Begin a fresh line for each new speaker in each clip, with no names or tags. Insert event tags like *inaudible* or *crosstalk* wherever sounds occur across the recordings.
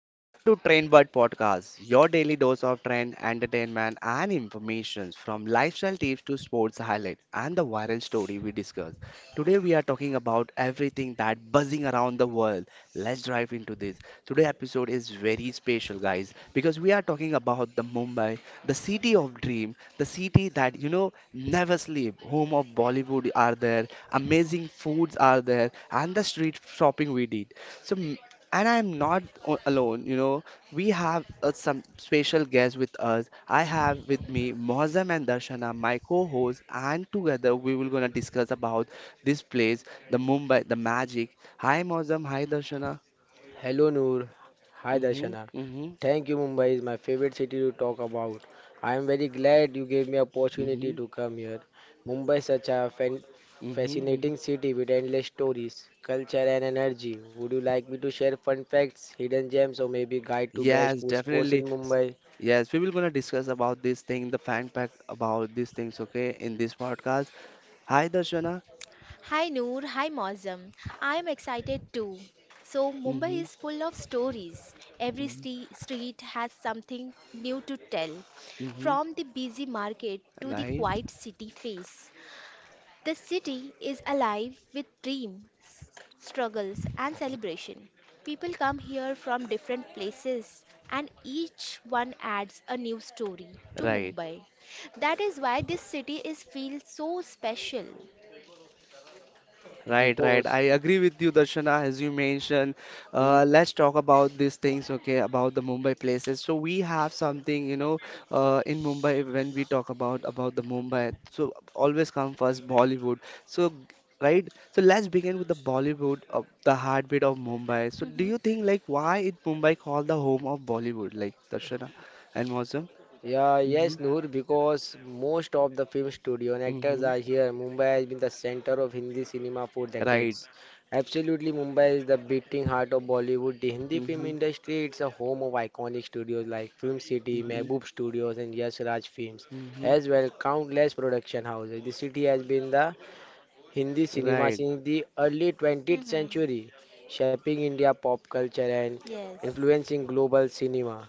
Welcome to Trainbird Podcast, your daily dose of trend, entertainment, and information from lifestyle tips to sports highlight and the viral story we discuss. Today we are talking about everything that buzzing around the world. Let's dive into this. Today episode is very special, guys, because we are talking about the Mumbai, the city of dream, the city that you know never sleep. Home of Bollywood are there, amazing foods are there, and the street shopping we did. So and I'm not alone, you know. We have some special guests with us. I have with me Mohazam and Darshana, my co-hosts, and together we will gonna discuss about this place, the Mumbai, the magic. Hi Mohazam, hi Darshana.
Hello Noor. Hi
Mm-hmm,
Darshana.
mm-hmm,
Thank you, Mumbai is my favorite city to talk about. I am very glad you gave me opportunity
mm-hmm,
to come here. Mumbai is such a
mm-hmm. Mm-hmm.
fascinating city with endless stories, culture and energy. Would you like me to share fun facts, hidden gems or maybe guide to best
Yes,
food sports in
definitely.
Mumbai?
Yes, we will gonna discuss about this thing, the fan pack about these things, okay, in this podcast. Hi Darshana.
Hi Noor, hi Mozam. I'm excited too. So Mumbai
Mm-hmm,
is full of stories. Every
mm-hmm,
street has something new to tell.
mm-hmm.
From the busy market to the
Right.
quiet city face, the city is alive with dream, struggles and celebration. People come here from different places and each one adds a new story to
Right.
Mumbai. That is why this city is feels so special.
Right, right. I
Because
agree with you, Darshana, as you mentioned. Let's talk about these things, okay, about the Mumbai places. So we have something, you know, in Mumbai when we talk about the Mumbai. So always come first Bollywood. So g- right. So let's begin with the Bollywood of the heartbeat of Mumbai. So do you think like why is Mumbai called the home of Bollywood, like Darshana and Mosam?
Yeah,
Mm-hmm.
yes, Noor, because most of the film studio and actors
Mm-hmm.
are here. Mumbai has been the center of Hindi cinema for
Right.
decades. Absolutely, Mumbai is the beating heart of Bollywood. The Hindi film
Mm-hmm.
industry, it's a home of iconic studios like Film City,
Mm-hmm.
Mehboob Studios, and Yash Raj Films,
Mm-hmm.
as well countless production houses. The city has been the Hindi cinema
Right.
since the early 20th
Mhm.
century, shaping India pop culture and
Yes.
influencing global cinema.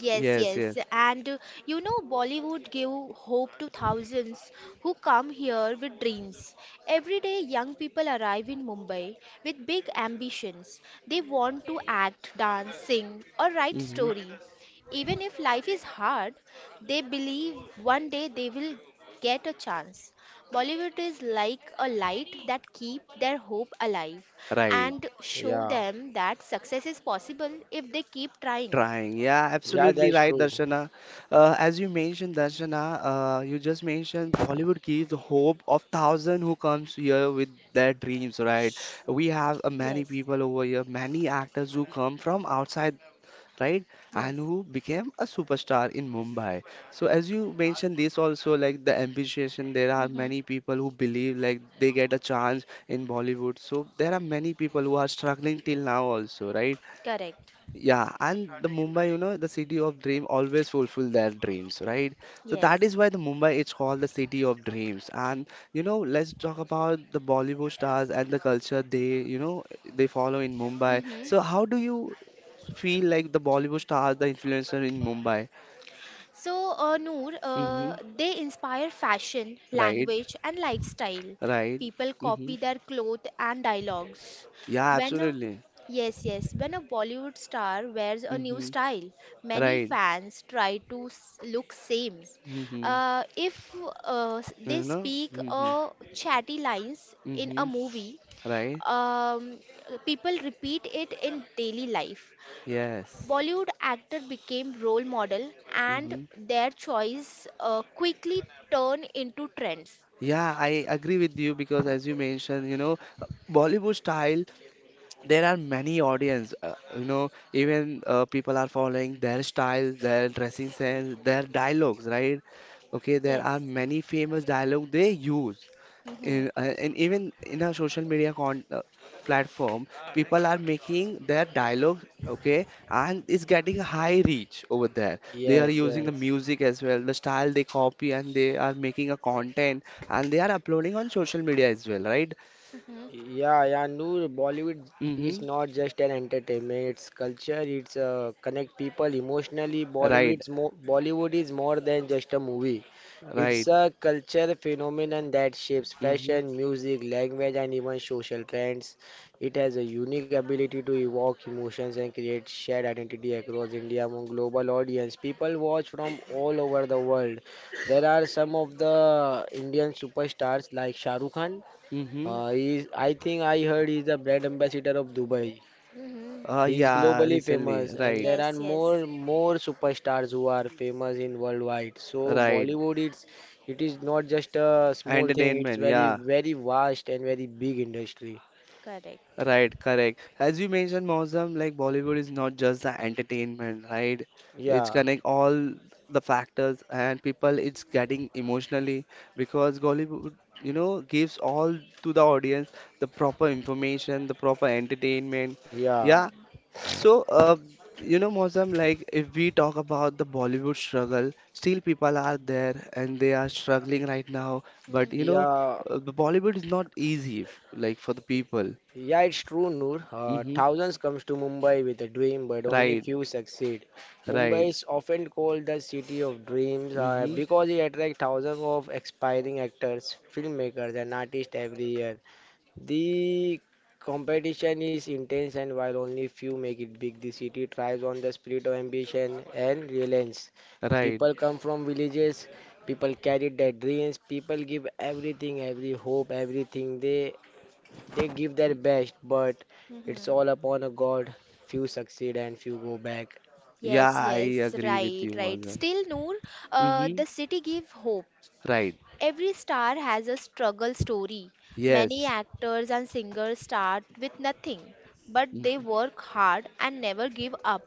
Yes,
Yes. Yes.
yes. And you know, Bollywood gave hope to thousands who come here with dreams. Every day, young people arrive in Mumbai with big ambitions. They want to act, dance, sing, or write
Mm-hmm.
story. Even if life is hard, they believe one day they will get a chance. Bollywood is like a light that keep their hope alive
Right,
and show
Yeah,
them that success is possible if they keep trying.
trying. Yeah,
yeah,
absolutely
that's
right,
true.
Darshana. As you mentioned, Darshana, you just mentioned Bollywood gives hope of thousand who comes here with their dreams, right? We have many
Yes.
people over here, many actors who come from outside, right? And
Yes.
who became a superstar in Mumbai. So as you mentioned this also, like the ambition, there are
Mm-hmm.
many people who believe like they get a chance in Bollywood. So there are many people who are struggling till now also, right?
Correct.
Yeah, and the Mumbai, you know, the city of dream always fulfill their dreams, right? So that
Yes.
is why the Mumbai is called the city of dreams. And you know, let's talk about the Bollywood stars and the culture they, you know, they follow in Mumbai.
Mm-hmm.
So how do you feel like the Bollywood stars, the influencer in Mumbai?
So, Noor,
Mm-hmm.
they inspire fashion,
Right,
language, and lifestyle.
right.
People
Mm-hmm.
copy their clothes and dialogues.
Yeah,
When a,
absolutely.
yes, yes, when a Bollywood star wears a new
Mm-hmm.
style, many
Right.
fans try to look same.
Mm-hmm.
If they
You know?
speak
Mm-hmm.
chatty lines in a
Mm-hmm.
movie,
Right.
um, people repeat it in daily life.
Yes.
Bollywood actor became role model, and
Mm-hmm.
their choice quickly turned into trends.
Yeah, I agree with you because as you mentioned, you know, Bollywood style, there are many audience, you know, even people are following their style, their dressing sense, their dialogues, right? Okay, there are
Yes.
many famous dialogue they use
Mm-hmm.
in, and even in our social media con platform people are making their dialogue, okay, and it's getting high reach over there. They are
Yes,
Mm-hmm.
using the
yes.
music as well, the style they copy, and they are making a content and they are uploading on social media as well, right?
Mhm.
Yeah, Noor, Bollywood is
Mm-hmm.
not just an entertainment, it's culture, it's connect people emotionally.
Right,
Bollywood is more than just a movie. It's
right.
a culture phenomenon that shapes
Mm-hmm.
fashion, music, language, and even social trends. It has a unique ability to evoke emotions and create shared identity across India among global audience. People watch from all over the world. There are some of the Indian superstars like Shah Rukh Khan.
Mm-hmm.
I think I heard he's the brand ambassador of Dubai.
Mm-hmm.
He's
Yeah,
globally
recently,
famous, and
right.
there are
Yes, yes.
more superstars who are famous in worldwide. So
Right,
Bollywood, it is not just a small thing. It's
entertainment,
very
yeah.
very vast and very big industry.
Correct.
Right, correct. As you mentioned, Mozam, like Bollywood is not just the entertainment, right? It's
Yeah,
connect all the factors and people, it's getting emotionally because Bollywood, you know, gives all to the audience the proper information, the proper entertainment.
yeah,
Yeah. So, you know, Mozam, like if we talk about the Bollywood struggle, still people are there and they are struggling right now. But
Mhm,
you know,
yeah.
the Bollywood is not easy, like for the people.
Yeah, it's true, Noor.
Mm-hmm.
Thousands comes to Mumbai with a dream, but only
Right,
few succeed. Mumbai
right.
is often called the city of dreams
Mm-hmm.
because it attracts thousands of aspiring actors, filmmakers, and artists every year. The competition is intense, and while only few make it big, the city thrives on the spirit of ambition and resilience.
Right.
People come from villages, people carry their dreams, people give everything, every hope, everything they give their best, but it's
mhm.
all upon a God. Few succeed and few go back. *laughs*
Yeah,
Yes,
I
yes,
agree with
right,
you,
right.
Mazhar.
Still, Noor,
Mm-hmm.
the city give hope.
Right.
Every star has a struggle story. Many
Yes.
actors and singers start with nothing, but they
Hmm.
work hard and never give up.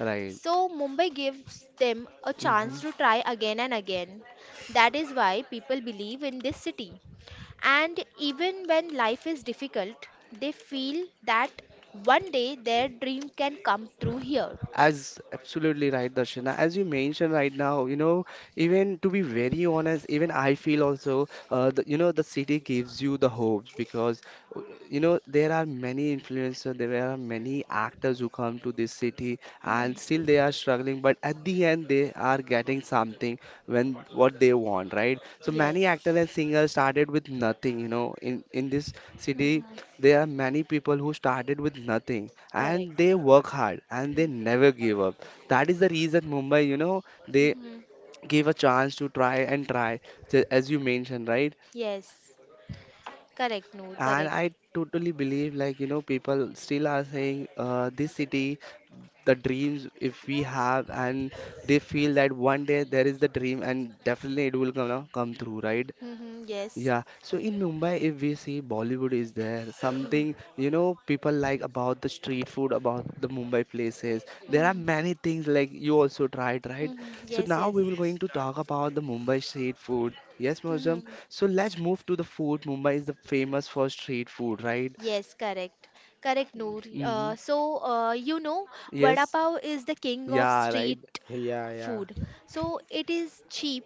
Right.
So Mumbai gives them a
Mm-hmm.
chance to try again and again. That is why people believe in this city. And even when life is difficult, they feel that one day their dream can come through here.
As absolutely right, Darshana. As you mentioned right now, you know, even to be very honest, even I feel also, you know, the city gives you the hopes because, uh, you know, there are many influencers, there are many actors who come to this city and
Hmm.
still they are struggling, but at the end they are getting something when what they want, right? So
Yes.
many actors and singers started with nothing, you know, in this city
Hmm.
there are many people who started with nothing
Correct.
and they work hard and they never give up. That is the reason Mumbai, you know, they
Mm-hmm.
give a chance to try and try, as you mentioned, right?
Yes, correct, Noor,
And
correct.
I totally believe, like, you know, people still are saying, this city, the dreams, if we have, and they feel that one day there is the dream and definitely it will gonna come through, right?
Hmm. Yes.
Yeah, so in Mumbai, if we see Bollywood is there, something
Mm-hmm.
you know people like about the street food, about the Mumbai places. There are
Hmm.
many things like you also tried, right?
Hmm.
So
Yes,
now
yes.
we will going to talk about the Mumbai street food. Yes, Mozum.
Hmm.
So let's move to the food. Mumbai is the famous for street food, right?
Yes, correct. Correct, Noor.
Hmm.
You know, vada
Yes.
pav is the king of
Yeah, right.
street
Yeah.
food. So, it is cheap,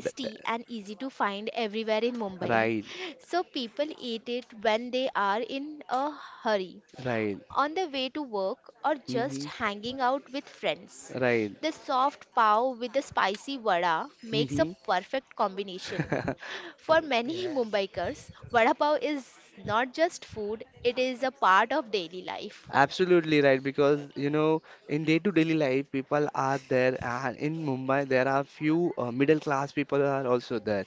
Th- th-
and easy to find everywhere in Mumbai.
Right,
*laughs* So, people eat it when they are in a hurry,
right.
on the way to work, or just
Hmm.
hanging out with friends.
Right.
The soft pav with the spicy vada makes a
Hmm.
perfect combination.
*laughs*
For many *laughs*
Yes.
Mumbaikars, vada pav is not just food, it is a part of daily life.
Absolutely right, because you know, in day-to-daily life, people are there, and in Mumbai, there are few middle-class people are also there,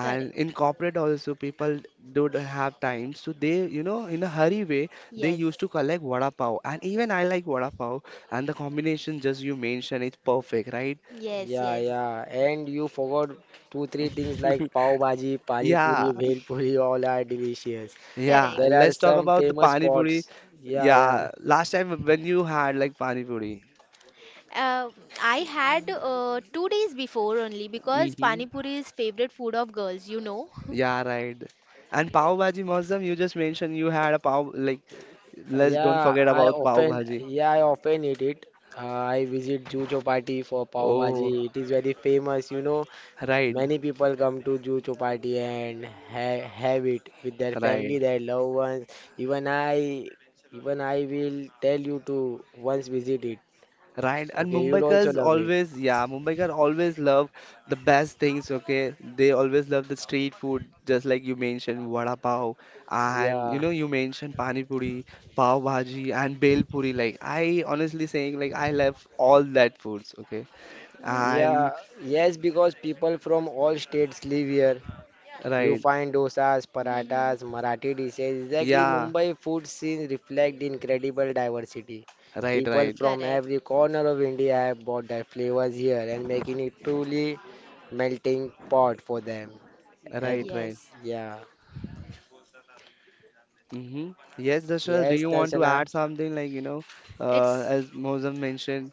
Correct.
in corporate also, people don't have time, so they, you know, in a hurry way, they
Yes,
used to collect vada pav, and even I like vada pav, and the combination just you mentioned, it's perfect, right?
yes,
Yeah,
yes,
yeah. And you forgot two, three things like
*laughs*
pav bhaji, pani puri,
Yeah,
bhel puri, all are delicious.
yeah.
correct.
There are
Let's talk
some
about the
famous
pani puri.
spots. Yeah, yeah.
Yeah, last time when you had like pani puri.
Uh, I had two days before only because Pani
Hmm.
Puri is favorite food of girls, you know. *laughs*
Yeah, right. And Pav Bhaji Muazzam, you just mentioned you had a pav, like, let's don't forget about Pav Bhaji.
Yeah, I often eat it. Uh, I visit Jujo Party for pav bhaji.
Oh,
It is very famous, you know.
right,
Many people come to Jucho party and ha have it with their family,
right,
their loved ones. Even I, even I will tell you to once visit it.
right. And
Okay, you'll also
Mumbaikars
love it.
always, yeah, Mumbaikar always love the best things, okay? They always love the street food, just like you mentioned, vada pav. And, you
Yeah,
know, you mentioned pani puri, pav bhaji, and bel puri. Like, I honestly saying, like, I love all that foods, okay?
Hmm.
And,
yeah, yes, because people from all states live here. You
right,
find dosas,
Hmm.
paratas, Marathi dishes. Exactly,
yeah,
Mumbai food scene reflect incredible diversity.
right,
People
right.
from
Correct.
every corner of India have brought their flavors here and making it truly melting pot for them. Ev-
Right, right.
Yes.
yeah.
Mm-hmm. Yes, Dashra, do
Yes,
you want to
Darshana.
add something like, you know,
It's
as Mosam mentioned?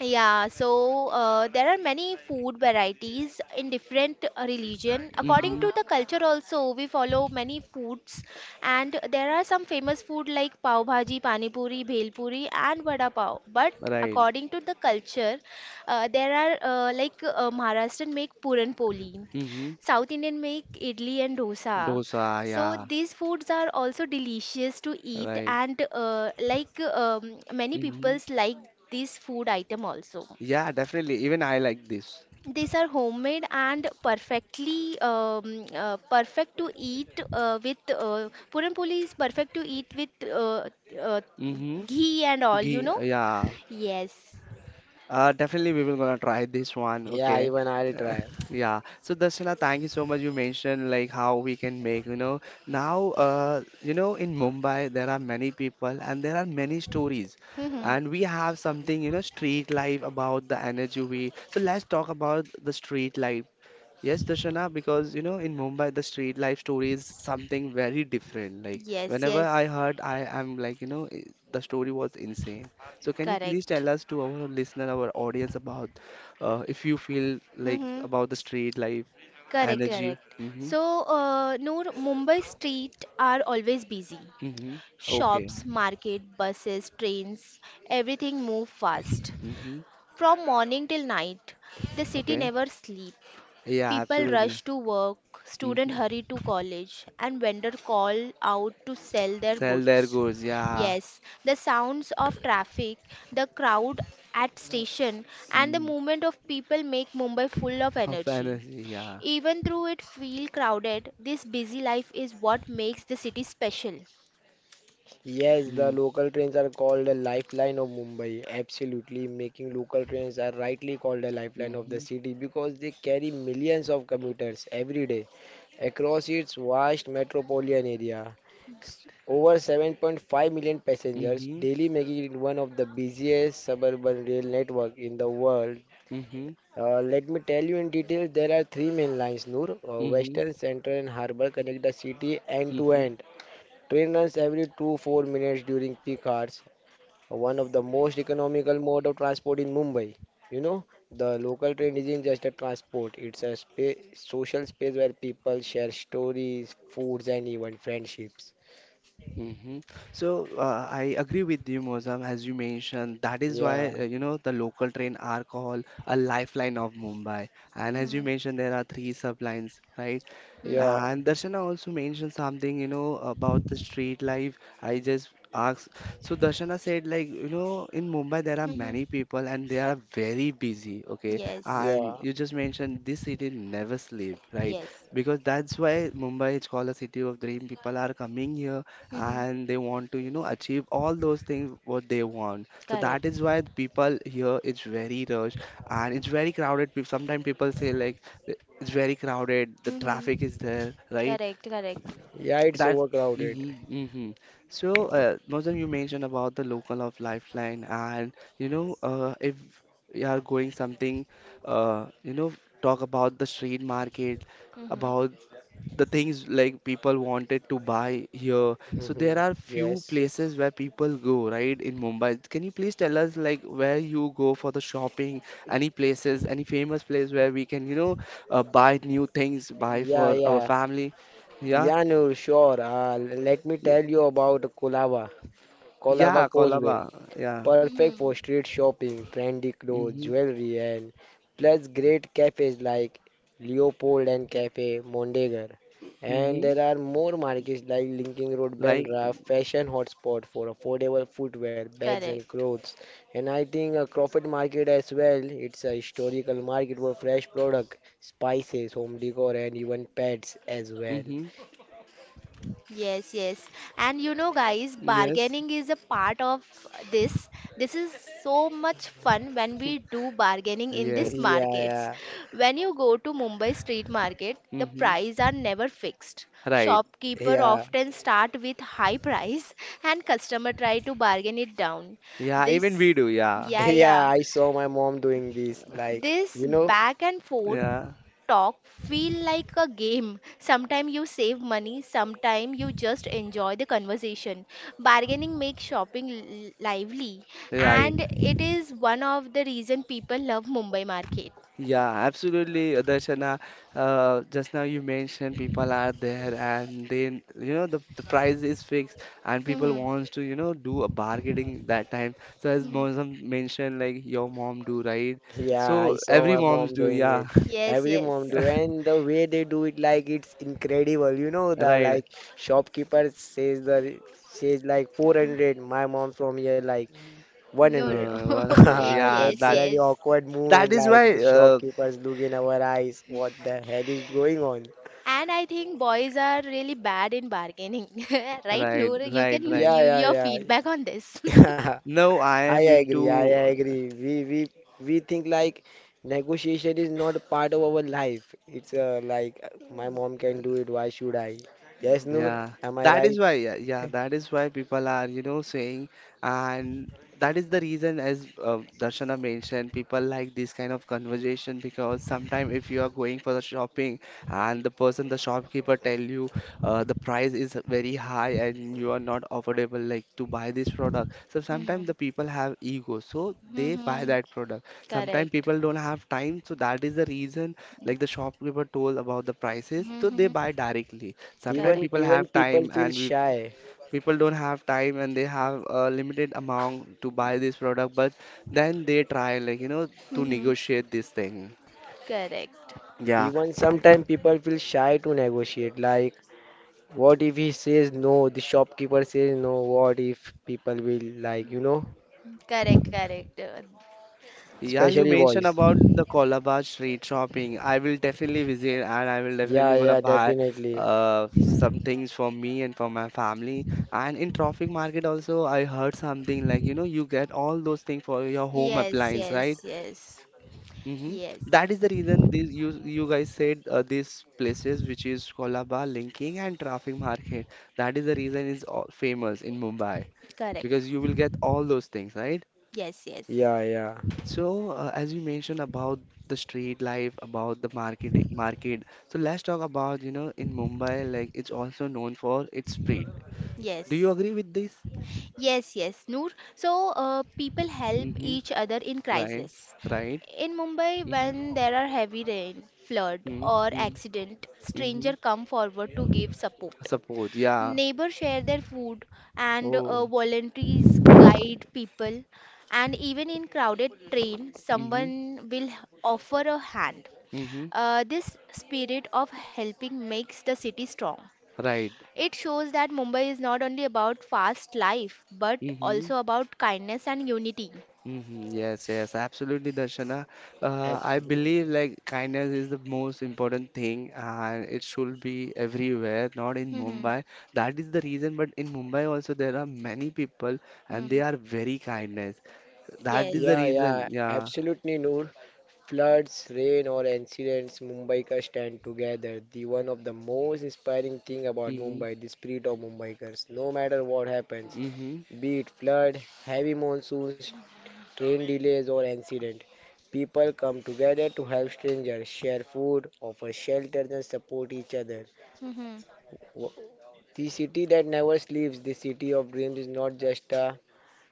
Yeah, so there are many food varieties in different religion. According
Mm-hmm.
to the culture also, we follow many foods and there are some famous food like pav bhaji, pani puri, bhel puri and vada pav. But
Right.
according to the culture, there are like Maharashtrian make puran poli,
Mm-hmm.
South Indian make idli and dosa,
Dosa,
so
yeah.
these foods are also delicious to eat,
Right.
and like many
Mm-hmm.
peoples like this food item also.
Yeah, definitely. Even I like this.
These are homemade and perfect to eat with puran puli is perfect to eat with uh,
Mm-hmm.
ghee and all, you
Ghee,
know?
yeah.
Yes.
Definitely, we will gonna try this one.
Yeah,
Okay.
even I'll
Uh,
try.
*laughs* yeah. So Darshana, thank you so much. You mentioned like how we can make, you know, now, you know, in Mumbai there are many people and there are many stories,
Mm-hmm.
and we have something, you know, street life about the energy we. So let's talk about the street life. Yes, Darshana, because you know, in Mumbai, the street life story is something very different. Like,
Yes,
whenever
yes.
I heard, I am like, you know, the story was insane. So, can you please
Correct.
tell us to our listener, our audience, about if you feel like
Mm-hmm.
about the street life
Correct,
energy?
correct.
Mm-hmm.
So, Noor, Mumbai street are always busy.
Mm-hmm. Okay.
Shops, market, buses, trains, everything move fast.
Mm-hmm.
From morning till night, the city
Okay.
never sleep.
Yeah,
People rush
absolutely.
to work,
Mm-hmm.
students hurry to college, and vendors call out to sell their
Sell their
goods.
goods. Yeah.
Yes, the sounds of traffic, the crowd at station, and the
Mm-hmm.
movement of people make Mumbai full of
Of
energy.
energy. Yeah.
Even though it feel crowded, this busy life is what makes the city special.
Yes,
Mm-hmm.
the local trains are called the lifeline of Mumbai. Absolutely, making local trains are rightly called the lifeline of the
Mm-hmm.
city because they carry millions of commuters every day across its vast metropolitan area. Over 7.5 million passengers
Mm-hmm.
daily, making it one of the busiest suburban rail network in the world.
Mm-hmm.
Let me tell you in detail, there are three main lines, Noor.
Mm-hmm.
Western, Central and Harbour connect the city end to
Mm-hmm.
end. Train runs every 2-4 minutes during peak hours. One of the most economical mode of transport in Mumbai. You know, the local train isn't just a transport, it's a spa social space where people share stories, foods and even friendships.
Hmm. So I agree with you, Mozam, as you mentioned. That is why
Yeah,
you know the local train are called a lifeline of Mumbai. And
Hmm.
as you mentioned, there are three sublines, right?
Hmm.
yeah,
And Darshana also mentioned something, you know, about the street life. I just asked. So Darshana said, like, you know, in Mumbai there are
Mm-hmm.
many people and they are very busy, okay?
Yes.
And
yeah.
you just mentioned this city never sleep, right?
Yes.
Because that's why Mumbai is called a city of dream. People are coming here
Mm-hmm.
and they want to you know achieve all those things what they want, so that
Correct.
is why the people here it's very rush and it's very crowded. Sometimes people say like, it's very crowded, the
Mm-hmm.
traffic is there, right?
Correct. Correct.
Yeah, it's
That
overcrowded.
mm-hmm, mm-hmm. So Mozam, you mentioned about the local of lifeline and you know, if you are going something, you know, talk about the street market
Hmm.
about the things like people wanted to buy here. So there
*laughs*
are few
Yes.
places where people go, right, in Mumbai. Can you please tell us like where you go for the shopping? Any places, any famous place where we can, you know, buy new things, buy
Yeah,
for our
yeah.
family? Yeah,
Yeah, Noor, sure. Let me
Y-
tell you about Colaba. Colaba
yeah,
Causeway.
Kolaba. Yeah.
Perfect for
Mm-hmm.
street shopping, trendy clothes,
Mm-hmm.
jewelry, and plus great cafes like Leopold and Cafe Mondegar. And
Mm-hmm.
there are more markets like Linking Road,
Like.
Bandra, fashion hotspot for affordable footwear, bags, and
Correct.
clothes. And I think Crawford Market as well. It's a historical market for fresh product, spices, home decor, and even pets as well.
Mm-hmm.
Yes, yes. And you know, guys,
Yes.
bargaining is a part of this. This is so much fun when we do
*laughs*
bargaining in these
Yes.
Yeah,
markets.
yeah,
When you go to Mumbai street market, the
Mm-hmm.
prices are never fixed.
Right.
Shopkeeper
yeah,
often start with high price and customer try to bargain it down.
Yeah.
This,
Even we do.
*laughs*
Yeah.
yeah,
yeah.
yeah.
I saw my mom doing this. Like,
This
you know,
back and forth
Yeah.
talk feel like a game. Sometimes you save money, sometimes you just enjoy the conversation. Bargaining makes shopping lively,
Right.
and it is one of the reason people love Mumbai market.
Yeah, absolutely, Darshana. Just now you mentioned people are there and they, you know, the price is fixed and people
Hmm.
wants to, you know, do a bargaining that time. So as
Hmm.
Mosam mentioned, like your mom do, right?
yeah, I
So
saw
every
my
moms
mom
do,
doing
yeah.
it.
Yes,
Every
yes.
mom do,
*laughs*
and the way they do it, like it's incredible. You know, the
Right.
like shopkeeper says like 400. My mom from here like
No, no,
100.
No,
no.
*laughs*
100.
*laughs*
Yeah,
That's
Yes,
that
very
yes.
awkward
that
movement.
is
Like the
why
shopkeepers look in our eyes. What the hell is going on?
And I think boys are really bad in bargaining, *laughs* right,
right,
Noor? You
right,
can
right.
Yeah,
give your
yeah,
feedback on this. *laughs*
yeah.
Now
*laughs*
I
I
am
agree, I
into
agree. We think like negotiation is not part of our life. It's like my mom can do it, why should I? Yes, Noor,
yeah,
am I
that is
right?
why, yeah, yeah, that is why people are, you know, saying, and that is the reason, as Darshana mentioned, people like this kind of conversation because sometimes if you are going for the shopping and the person, the shopkeeper tell you the price is very high and you are not affordable like to buy this product. So sometimes
Hmm.
the people have ego, so they buy
Hmm.
that product. Sometimes
Correct.
people don't have time, so that is the reason, like the shopkeeper told about the prices, so they
Mm-hmm.
buy directly. Sometimes
Even
people
Correct.
even
have
people
time
feel
and we
shy.
people don't have time and they have a limited amount to buy this product, but then they try to
Mm-hmm.
negotiate this thing.
Correct.
Yeah.
Even sometimes people feel shy to negotiate. Like, what if he says no? The shopkeeper says no. What if people will like, you know,
Correct. Correct.
Yeah, you
especially
mentioned
boys.
about the Colaba street shopping. I will definitely visit and I will definitely
Yeah,
gonna
yeah,
buy
definitely.
some things for me and for my family. And in traffic market also I heard something you get all those things for your home
Yes,
appliance, right?
yes, yes,
Hmm.
yes,
That is the reason these you you guys said, these places which is Colaba, Linking and Traffic Market. That is the reason it's all famous in Mumbai
correct,
because you will get all those things, right?
yes, yes,
Yeah, yeah.
So as you mentioned about the street life, about the market. So let's talk about, you know, in Mumbai, like it's also known for its street. Do you
yes,
agree with this?
yes, yes, Noor. So, people help each
Mm-hmm.
other in
Right.
crisis.
Right.
In Mumbai,
Mm-hmm.
when there are heavy rain, flood,
Mm-hmm.
or
Mm-hmm.
accident,
Mm-hmm.
stranger come forward to give support.
Support. Yeah.
Neighbors share their food, and
Oh.
volunteers guide people. And even in crowded train,
Mm-hmm.
someone will offer a hand.
Mm-hmm.
This spirit of helping makes the city strong.
Right.
It shows that Mumbai is not only about fast life, but
Mm-hmm.
also about kindness and unity.
Mm-hmm. Yes, yes, absolutely, Darshana. I
Absolutely.
believe like kindness is the most important thing, and it should be everywhere, not in
Hmm.
Mumbai. That is the reason, but in Mumbai also there are many people, and
Hmm.
they are very kindness. That
Yes.
is the
Yeah,
reason. Yeah.
absolutely, Noor. Floods, rain, or accidents, Mumbai ka stand together. The one of the most inspiring thing about
Mm-hmm.
Mumbai, the spirit of Mumbaikars. No matter what happens,
Mm-hmm.
be it flood, heavy monsoons, train delays, or accident, people come together to help strangers, share food, offer shelter, and support each other.
Hmm.
Wo- The city that never sleeps, the city of dreams, is not just a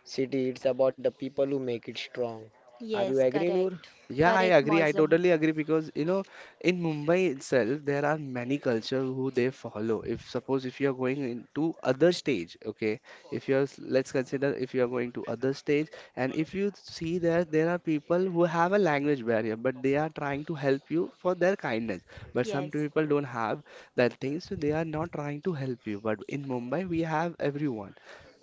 city. It's about the people who make it strong. Are you
Yes,
agree, Noor?
correct.
Yeah, I
Correct,
agree. I
Mosm.
totally agree because, you know, in Mumbai itself, there are many culture who they follow. If suppose if you are going into other stage, okay, if you are let's consider if you are going to other stage, and if you see that there are people who have a language barrier, but they are trying to help you for their kindness. But some
Yes.
people don't have that thing, so they are not trying to help you. But in Mumbai, we have everyone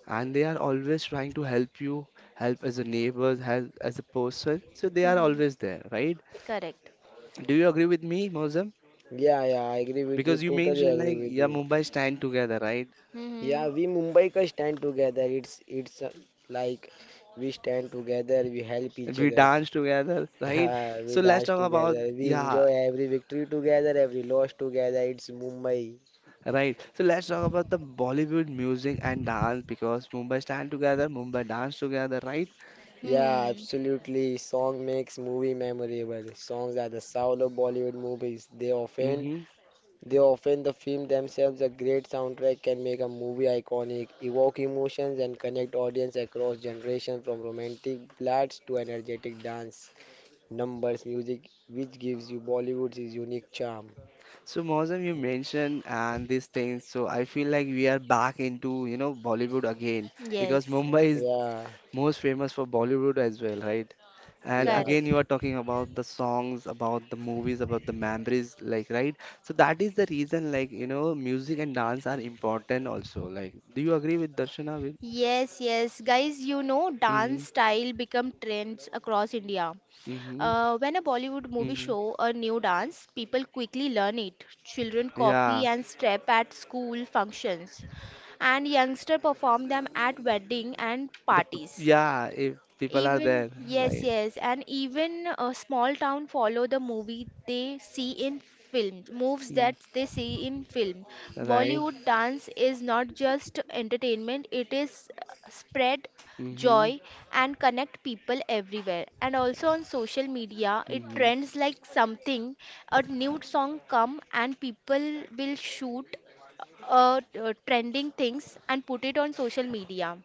and they are always trying to help you, help as a neighbor, help as a person. So they are
Hmm.
always there, right?
Correct.
Do you agree with me, Mozam?
Yeah, I agree with you.
Because you
Totally
mentioned
agree
like,
with
yeah,
you.
Mumbai stand together, right?
Yeah, we Mumbaikars stand together. It's like We stand together, we help each
We
other. *laughs*
dance together, right?
Yeah, we
So let's
dance
talk about,
together, we
yeah,
enjoy every victory together, every loss together. It's Mumbai.
right. So let's talk about the Bollywood music and dance because Mumbai stand together, Mumbai dance together, right?
Yeah,
Mm-hmm.
absolutely. Song makes movie memorable. Songs are the soul of Bollywood movies.
Mm-hmm.
The film themselves a great soundtrack can make a movie iconic, evoke emotions and connect audience across generations from romantic ballads to energetic dance. Numbers, music, which gives you Bollywood's unique charm.
So Mozam, you mentioned and these things. So I feel like we are back into, you know, Bollywood again because
Yes,
Mumbai
Yeah,
most famous for Bollywood as well, right? And
yeah,
again, you
correct.
are talking about the songs, about the movies, about the memories, like, right? So that is the reason, like, you know, music and dance are important also. Like, do you agree with Darshana? With
Yes, yes, guys, you know, dance
mm-hmm,
style become trends across India.
mm-hmm,
When a Bollywood movie
hmm.
show a new dance, people quickly learn it. Children copy
Yeah,
and step at school functions, and youngster perform them at wedding and parties.
yeah, if people are there,
Yes,
right?
yes, and even a small town follow the movie they see in film, moves that
Mm,
they see in film.
right?
Bollywood dance is not just entertainment, it is spread
Mm-hmm,
joy and connect people everywhere. And also on social media, it
mm-hmm.
trends like something, a new song come and people will shoot trending things and put it on social media.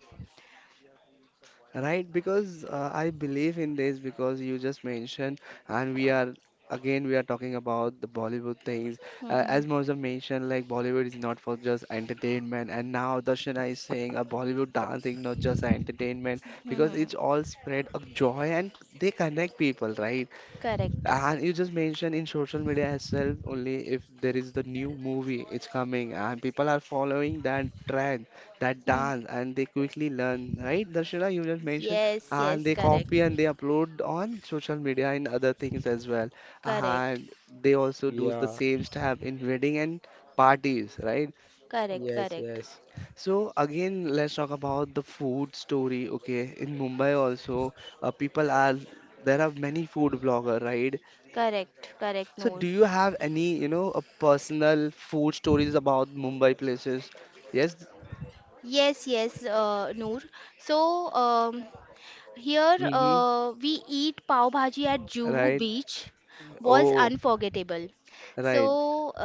Right, because I believe in this because you just mentioned, and we are talking about the Bollywood things.
Hmm.
As Moza mentioned, like Bollywood is not for just entertainment, and now Darshana is saying a Bollywood dancing not just entertainment because
Hmm.
it's all spread of joy and they connect people, right?
Correct.
And you just mentioned in social media itself only if there is the new movie, it's coming, and people are following that trend, that
Hmm.
dance, and they quickly learn, right? Darshana, you just mentioned,
Yes,
and
yes,
they
correct.
copy and they upload on social media and other things as well.
Correct.
And they also do the
yeah.
same step in wedding and parties, right?
Correct,
Yes,
correct.
yes.
So again, let's talk about the food story, okay? In Mumbai also, people are there are many food bloggers, right?
Correct, correct,
So
Noor.
do you have any, you know, a personal food stories about Mumbai places? Yes.
Yes, yes, Noor. So, here
Mm-hmm.
we eat pav bhaji at Juhu
Right.
Beach was
Oh,
unforgettable. So
right.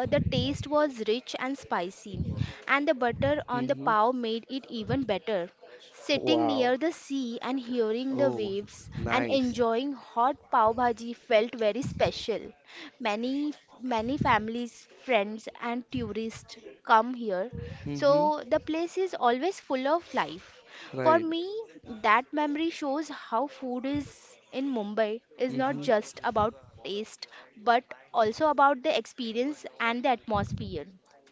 the taste was rich and spicy, and the butter on the
Mm-hmm.
pav made it even better. Sitting near
Wow.
the sea and hearing the
Oh,
waves and
nice.
enjoying hot pav bhaji felt very special. Many many families, friends, and tourists come here,
Mm-hmm.
so the place is always full of life. For
Right.
me, that memory shows how food is in Mumbai is not
Mm-hmm.
just about taste, but also about the experience and the atmosphere.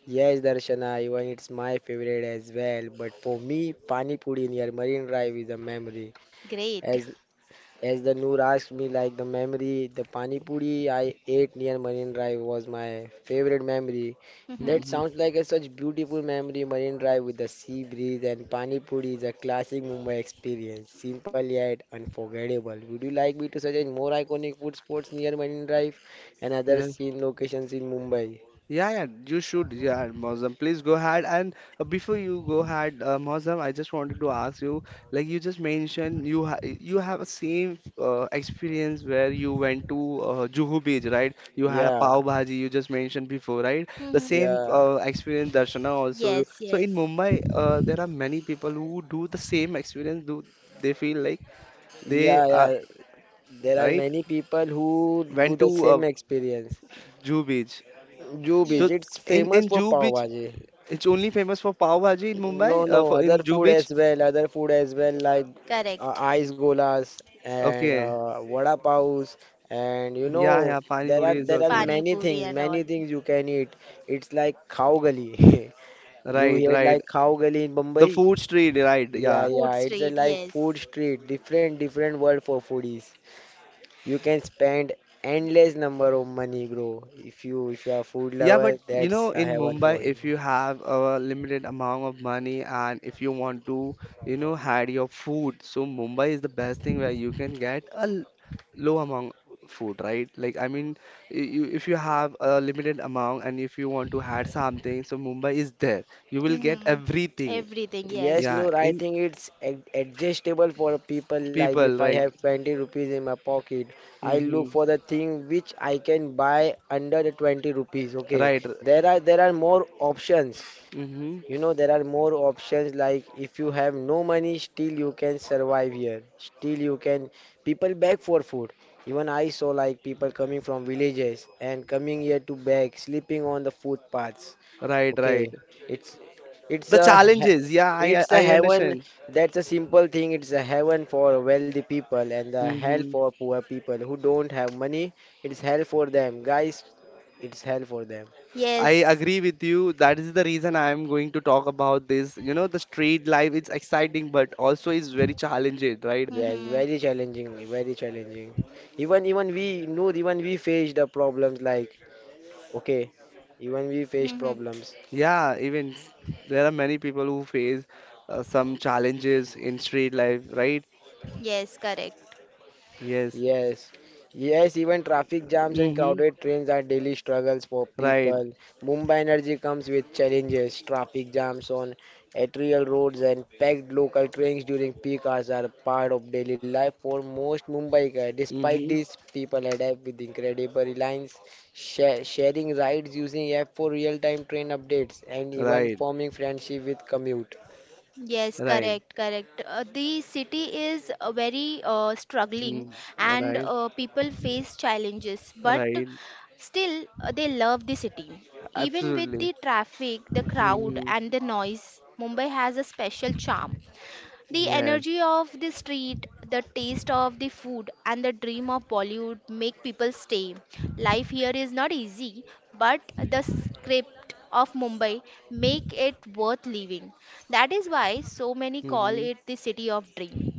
Yes, Darshana, even it's my favorite as well. But for me, Pani Puri near Marine Drive is a memory.
Great.
As As the Noor asked me, like the memory, the pani puri I ate near Marine Drive was my favorite memory.
Hmm.
That
Mm-hmm.
sounds like a such beautiful memory. Marine Drive with the sea breeze and pani puri is a classic Mumbai experience, simple yet unforgettable. Would you like me to suggest more iconic food spots near Marine Drive and other
Yes.
scene locations in Mumbai?
Yeah, yeah, you should. Yeah, Mozam, please go ahead. And before you go ahead, Mozam, I just wanted to ask you, like you just mentioned, you have a same experience where you went to Juhu Beach, right? You had a
Yeah,
pav bhaji. You just mentioned before, right? The
Hmm.
same
yeah,
experience, Darshana also.
Yes,
So
yes,
in Mumbai, there are many people who do the same experience. Do they feel like
yeah,
they
yeah.
are
There are
right?
many people who do
Went
the
to
same experience.
Juhu Beach. So
Jubi's, it's
yes,
in
famous
in
for
Juhu
pav
Beach.
bhaji.
It's only famous for pav bhaji in
No,
Mumbai,
no,
for
other
in Juhu
food
Beach.
as well, other food as well, like
correct.
ice golas and
Okay,
vada paos, and you
yeah,
know
yeah, pani
there are
puri is
there are
also there.
Pani puri and
many
all.
things you can eat. It's like khao gali. *laughs* You
Right,
heard
right.
like khao gali in Mumbai?
The food street, right?
Yeah,
Yeah,
Food
yeah, it's a
street,
like
yes.
food street, different world for foodies. You can spend endless number of money, bro. If you are food
yeah.
lover,
But you
that's
know,
a
in
heaven
Mumbai,
for you.
if you have a limited amount of money and if you want to, you know, had your food, so Mumbai is the best thing where you can get a low amount food, right? Like, I mean, you, if you have a limited amount and if you want to had something, so Mumbai is there. You will get
Hmm.
everything.
Everything,
Yes,
yes.
Yeah,
Noor, I
in
think it's adjustable for people like if
people,
I
right?
have 20 rupees in my pocket, I look
Hmm.
for the thing which I can buy under the 20 rupees. Okay,
Right.
there are more options.
Hmm.
You know, there are more options like if you have no money, still you can survive here. Still you can people beg for food. Even I saw like people coming from villages and coming here to beg, sleeping on the footpaths.
Right,
Okay,
right.
it's it's
The
a he-
challenges, yeah, I I
it's a
I
heaven.
understand.
That's a simple thing. It's a heaven for wealthy people and the hell
Hmm.
for poor people who don't have money. It's hell for them, guys. It's hell for them.
I
Yes.
agree with you. That is the reason I am going to talk about this. You know, the street life, it's exciting, but also is very challenging, right?
Yeah,
Hmm.
very challenging, very challenging. Even even we know even we face the problems like okay, even we face
Hmm.
problems.
Yeah, there are many people who face some challenges in street life, right?
Yes, correct.
Yes.
Yes, yes, even traffic jams and
Mm-hmm.
crowded trains are daily struggles for
Right.
people. Mumbai energy comes with challenges. Traffic jams on arterial roads and packed local trains during peak hours are part of daily life for most Mumbaikar. Despite
Mm-hmm.
this, people adapt with incredible reliance, sharing rides using app for real-time train updates, and even
Right.
forming friendship with commute.
Yes,
Right.
correct, correct. The city is very struggling
Mm.
and
Right.
people face challenges, but
Right.
still they love the city. Even with
Absolutely.
the traffic, the crowd,
Mm-hmm.
and the noise, Mumbai has a special charm. The
Yes.
energy of the street, the taste of the food, and the dream of Bollywood make people stay. Life here is not easy, but the script of Mumbai make it worth living. That is why so many call
Mm-hmm.
it the city of dream.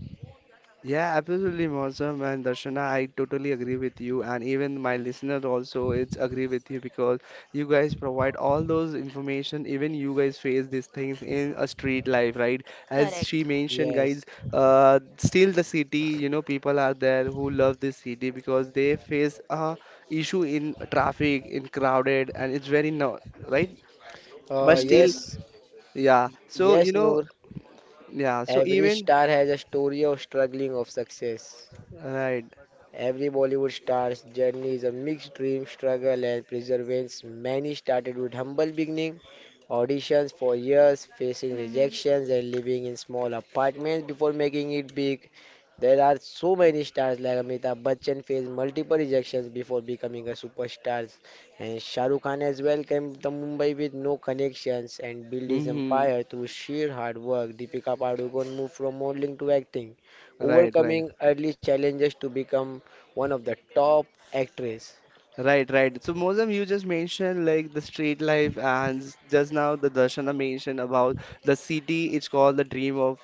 Yeah, absolutely, Mausam and Darshana. I totally agree with you, and even my listener also it's agree with you because you guys provide all those information. Even you guys face these things in a street life, right? As
Correct.
she mentioned, guys,
Yes,
still the city, you know, people are there who love this city because they face a issue in traffic, in crowded, and it's very no, right?
uh,
But still,
yes,
Hmm.
yeah. So you
yes,
know,
Noor.
yeah. So
Every
even.
star has a story of struggling, of success.
Right.
Every Bollywood star's journey is a mixed dream, struggle, and perseverance. Many started with humble beginning, auditions for years, facing
Hmm.
rejections, and living in small apartments before making it big. There are so many stars like Amitabh Bachchan faced multiple rejections before becoming a superstar, and Shah Rukh Khan has welcomed to Mumbai with no connections and built his
Hmm.
empire through sheer hard work. Deepika Padukone moved from modeling to acting
Right, right,
overcoming early challenges to become one of the top actress.
right, right. So Mozam, you just mentioned like the street life, and just now the Darshana mentioned about the city. It's called the dream of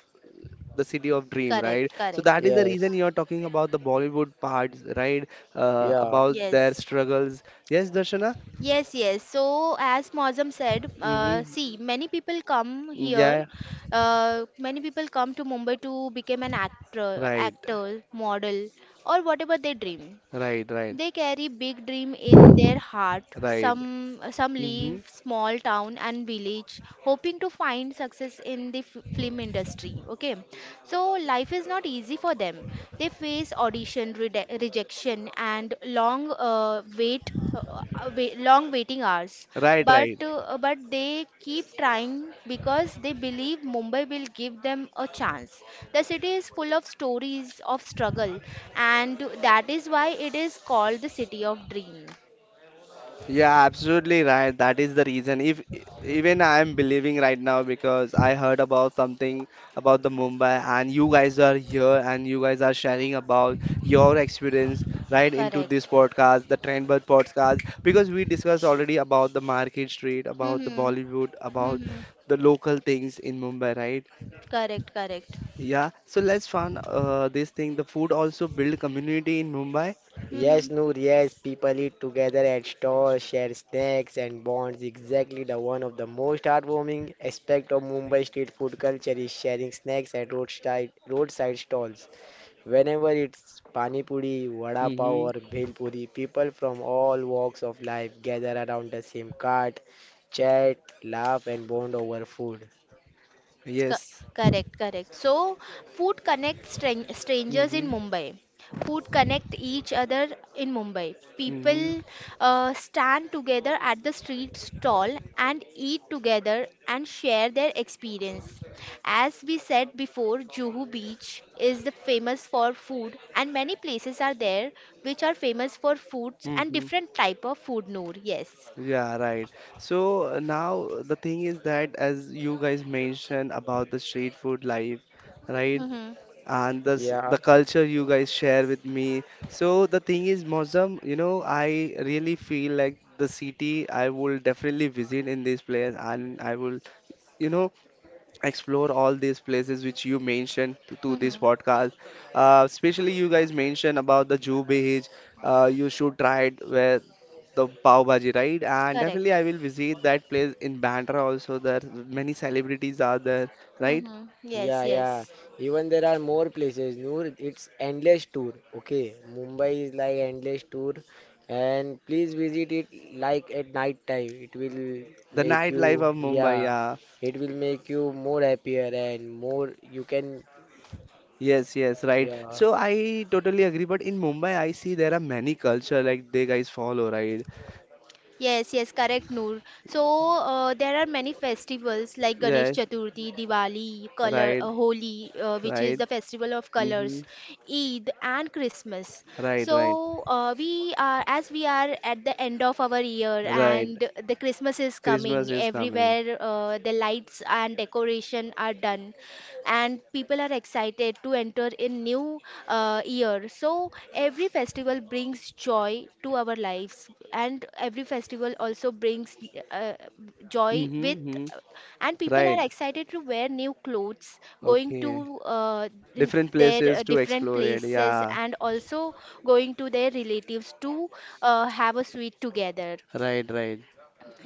the city of dream, right?
Correct.
So
Correct.
that is the reason
Yes,
you're talking about the Bollywood parts, right?
yeah.
About their
Yes.
struggles. Yes, Darshana.
Yes, yes. So, as Mozam said, see,
Mm-hmm.
many people come here.
Yeah.
Many people come to Mumbai to become an
Right.
actor, model, or whatever they dream.
Right. Right.
They carry big dream in their heart.
Right.
Some
Mm-hmm.
leave small town and village, hoping to find success in the f film industry. Okay, so life is not easy for them. They face audition rejection and long long waiting hours.
Right.
But
Right.
uh, but they keep trying because they believe Mumbai will give them a chance. The city is full of stories of struggle, and that is why it is called the city of dream.
Yeah, absolutely right. That is the reason. If even I am believing right now because I heard about something about the Mumbai and you guys are here and you guys are sharing about your experience right into this
Correct.
podcast, the Trendbird podcast, because we discussed already about the Market Street, about the
Hmm.
Bollywood, about
Hmm.
the local things in Mumbai, right?
Correct. Correct.
Yeah. So let's find this thing. The food also build community in Mumbai.
Yes,
Hmm.
Noor, yes, people eat together at stores, share snacks and bonds. Exactly the one of the most heartwarming aspect of Mumbai street food culture is sharing snacks at roadside stalls. Whenever it's pani puri, vada pav
Mm-hmm.
or bhel puri, people from all walks of life gather around the same cart, chat, laugh and bond over food.
Co-
Yes.
correct, correct. So, food connects strangers in
Mm-hmm.
Mumbai. Food connect each other in Mumbai.
Mm-hmm.
People stand together at the street stall and eat together and share their experience. As we said before, Juhu Beach is the famous for food, and many places are there which are famous for foods and
Mm-hmm.
different type of food. Noor, yes.
Yeah, right. So now the thing is that as you guys mentioned about the street food life, right?
Mm-hmm.
And the
Yeah.
the culture you guys share with me. So the thing is, Mozam, you know, I really feel like the city I will definitely visit in this place, and I will, you know, explore all these places which you mentioned to this
Mm-hmm.
podcast. Especially you guys mentioned about the Juhu Beach. You should try it where the Pav Bhaji, right? And definitely
Correct.
I will visit that place in Bandra also. There many celebrities are there, right?
Mm-hmm. Yes,
Yeah, yeah.
yes.
Even there are more places, Noor. It's endless tour. Okay, Mumbai is like endless tour, and please visit it like at night time. It will
The
make you,
nightlife of Mumbai,
yeah,
yeah.
it will make you more happier and more you can,
Yes, yes, right.
yeah.
So I totally agree, but in Mumbai I see there are many culture like they guys follow, right?
Yes, yes, correct, Noor. So there are many festivals like Ganesh
Yes,
Chaturthi, Diwali, color,
right,
Holi, which is
right.
the festival of
Hmm.
colors, Eid, and Christmas.
Right, right,
So as we are at the end of our year,
right.
and the Christmas is coming.
Christmas is coming.
Everywhere, the lights and decoration are done and people are excited to enter in new year. So every festival brings joy to our lives and every festival also brings uh, joy
Mm-hmm,
with,
hmm.
and people
Right.
are excited to wear new clothes, going
Okay.
to in
Different
their
places to
different
explore it.
places
Yeah.
and also going to their relatives to have a sweet together.
Right, right.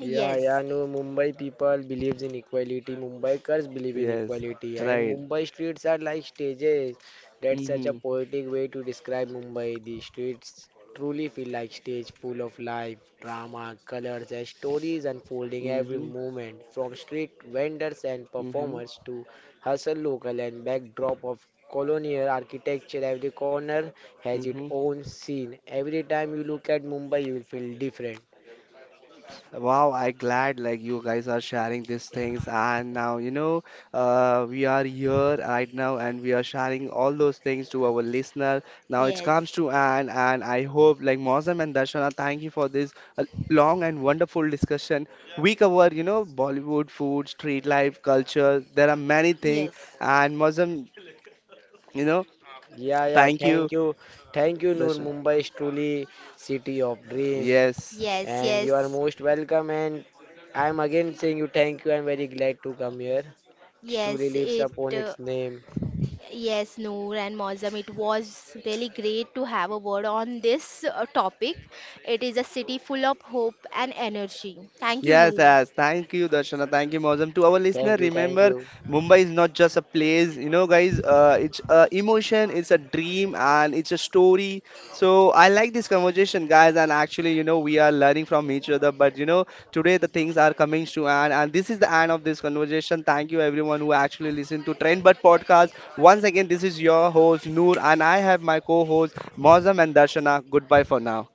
Yeah, no, Mumbai people believes in equality. Mumbaikars believe in
Yes.
equality, and
Right.
Mumbai streets are like stages. That's such a
Mm-hmm.
poetic way to describe Mumbai. The streets truly feel like stage full of life, drama, colors, and stories unfolding every
Mm-hmm.
moment. From street vendors and
Mm-hmm.
performers to hustle local and backdrop of colonial architecture, every corner has its
Mm-hmm.
own scene. Every time you look at Mumbai, you will feel different.
Wow, I glad like you guys are sharing these things and now, you know, we are here right now and we are sharing all those things to our listener. Now it
yes,
comes to an and I hope like Mozam and Darshana, thank you for this long and wonderful discussion. We cover, you know, Bollywood food, street life, culture. There are many things,
yes,
and Mozam, you know,
Yeah,
thank you
thank you. Thank you, Noor.
Darshan.
Mumbai is truly city of dream
Yes.
yes,
and
yes,
you are most welcome and I'm again saying you thank you. I'm very glad to come here. It truly
yes,
lives
it
upon its name.
yes, Noor and Mozam, it was really great to have a word on this topic. It is a city full of hope and energy. Thank you,
Yes,
Noor.
yes. Thank you, Darshana. Thank you, Mozam. To our listener,
Thank you, thank
remember,
you.
Mumbai is not just a place. You know, guys, it's a emotion, it's a dream, and it's a story. So I like this conversation, guys. And actually, you know, we are learning from each other. But you know, today the things are coming to an end, and this is the end of this conversation. Thank you, everyone who actually listened to Trend But podcast. Once again, this is your host Noor, and I have my co-host Mozam and Darshana. Goodbye for now.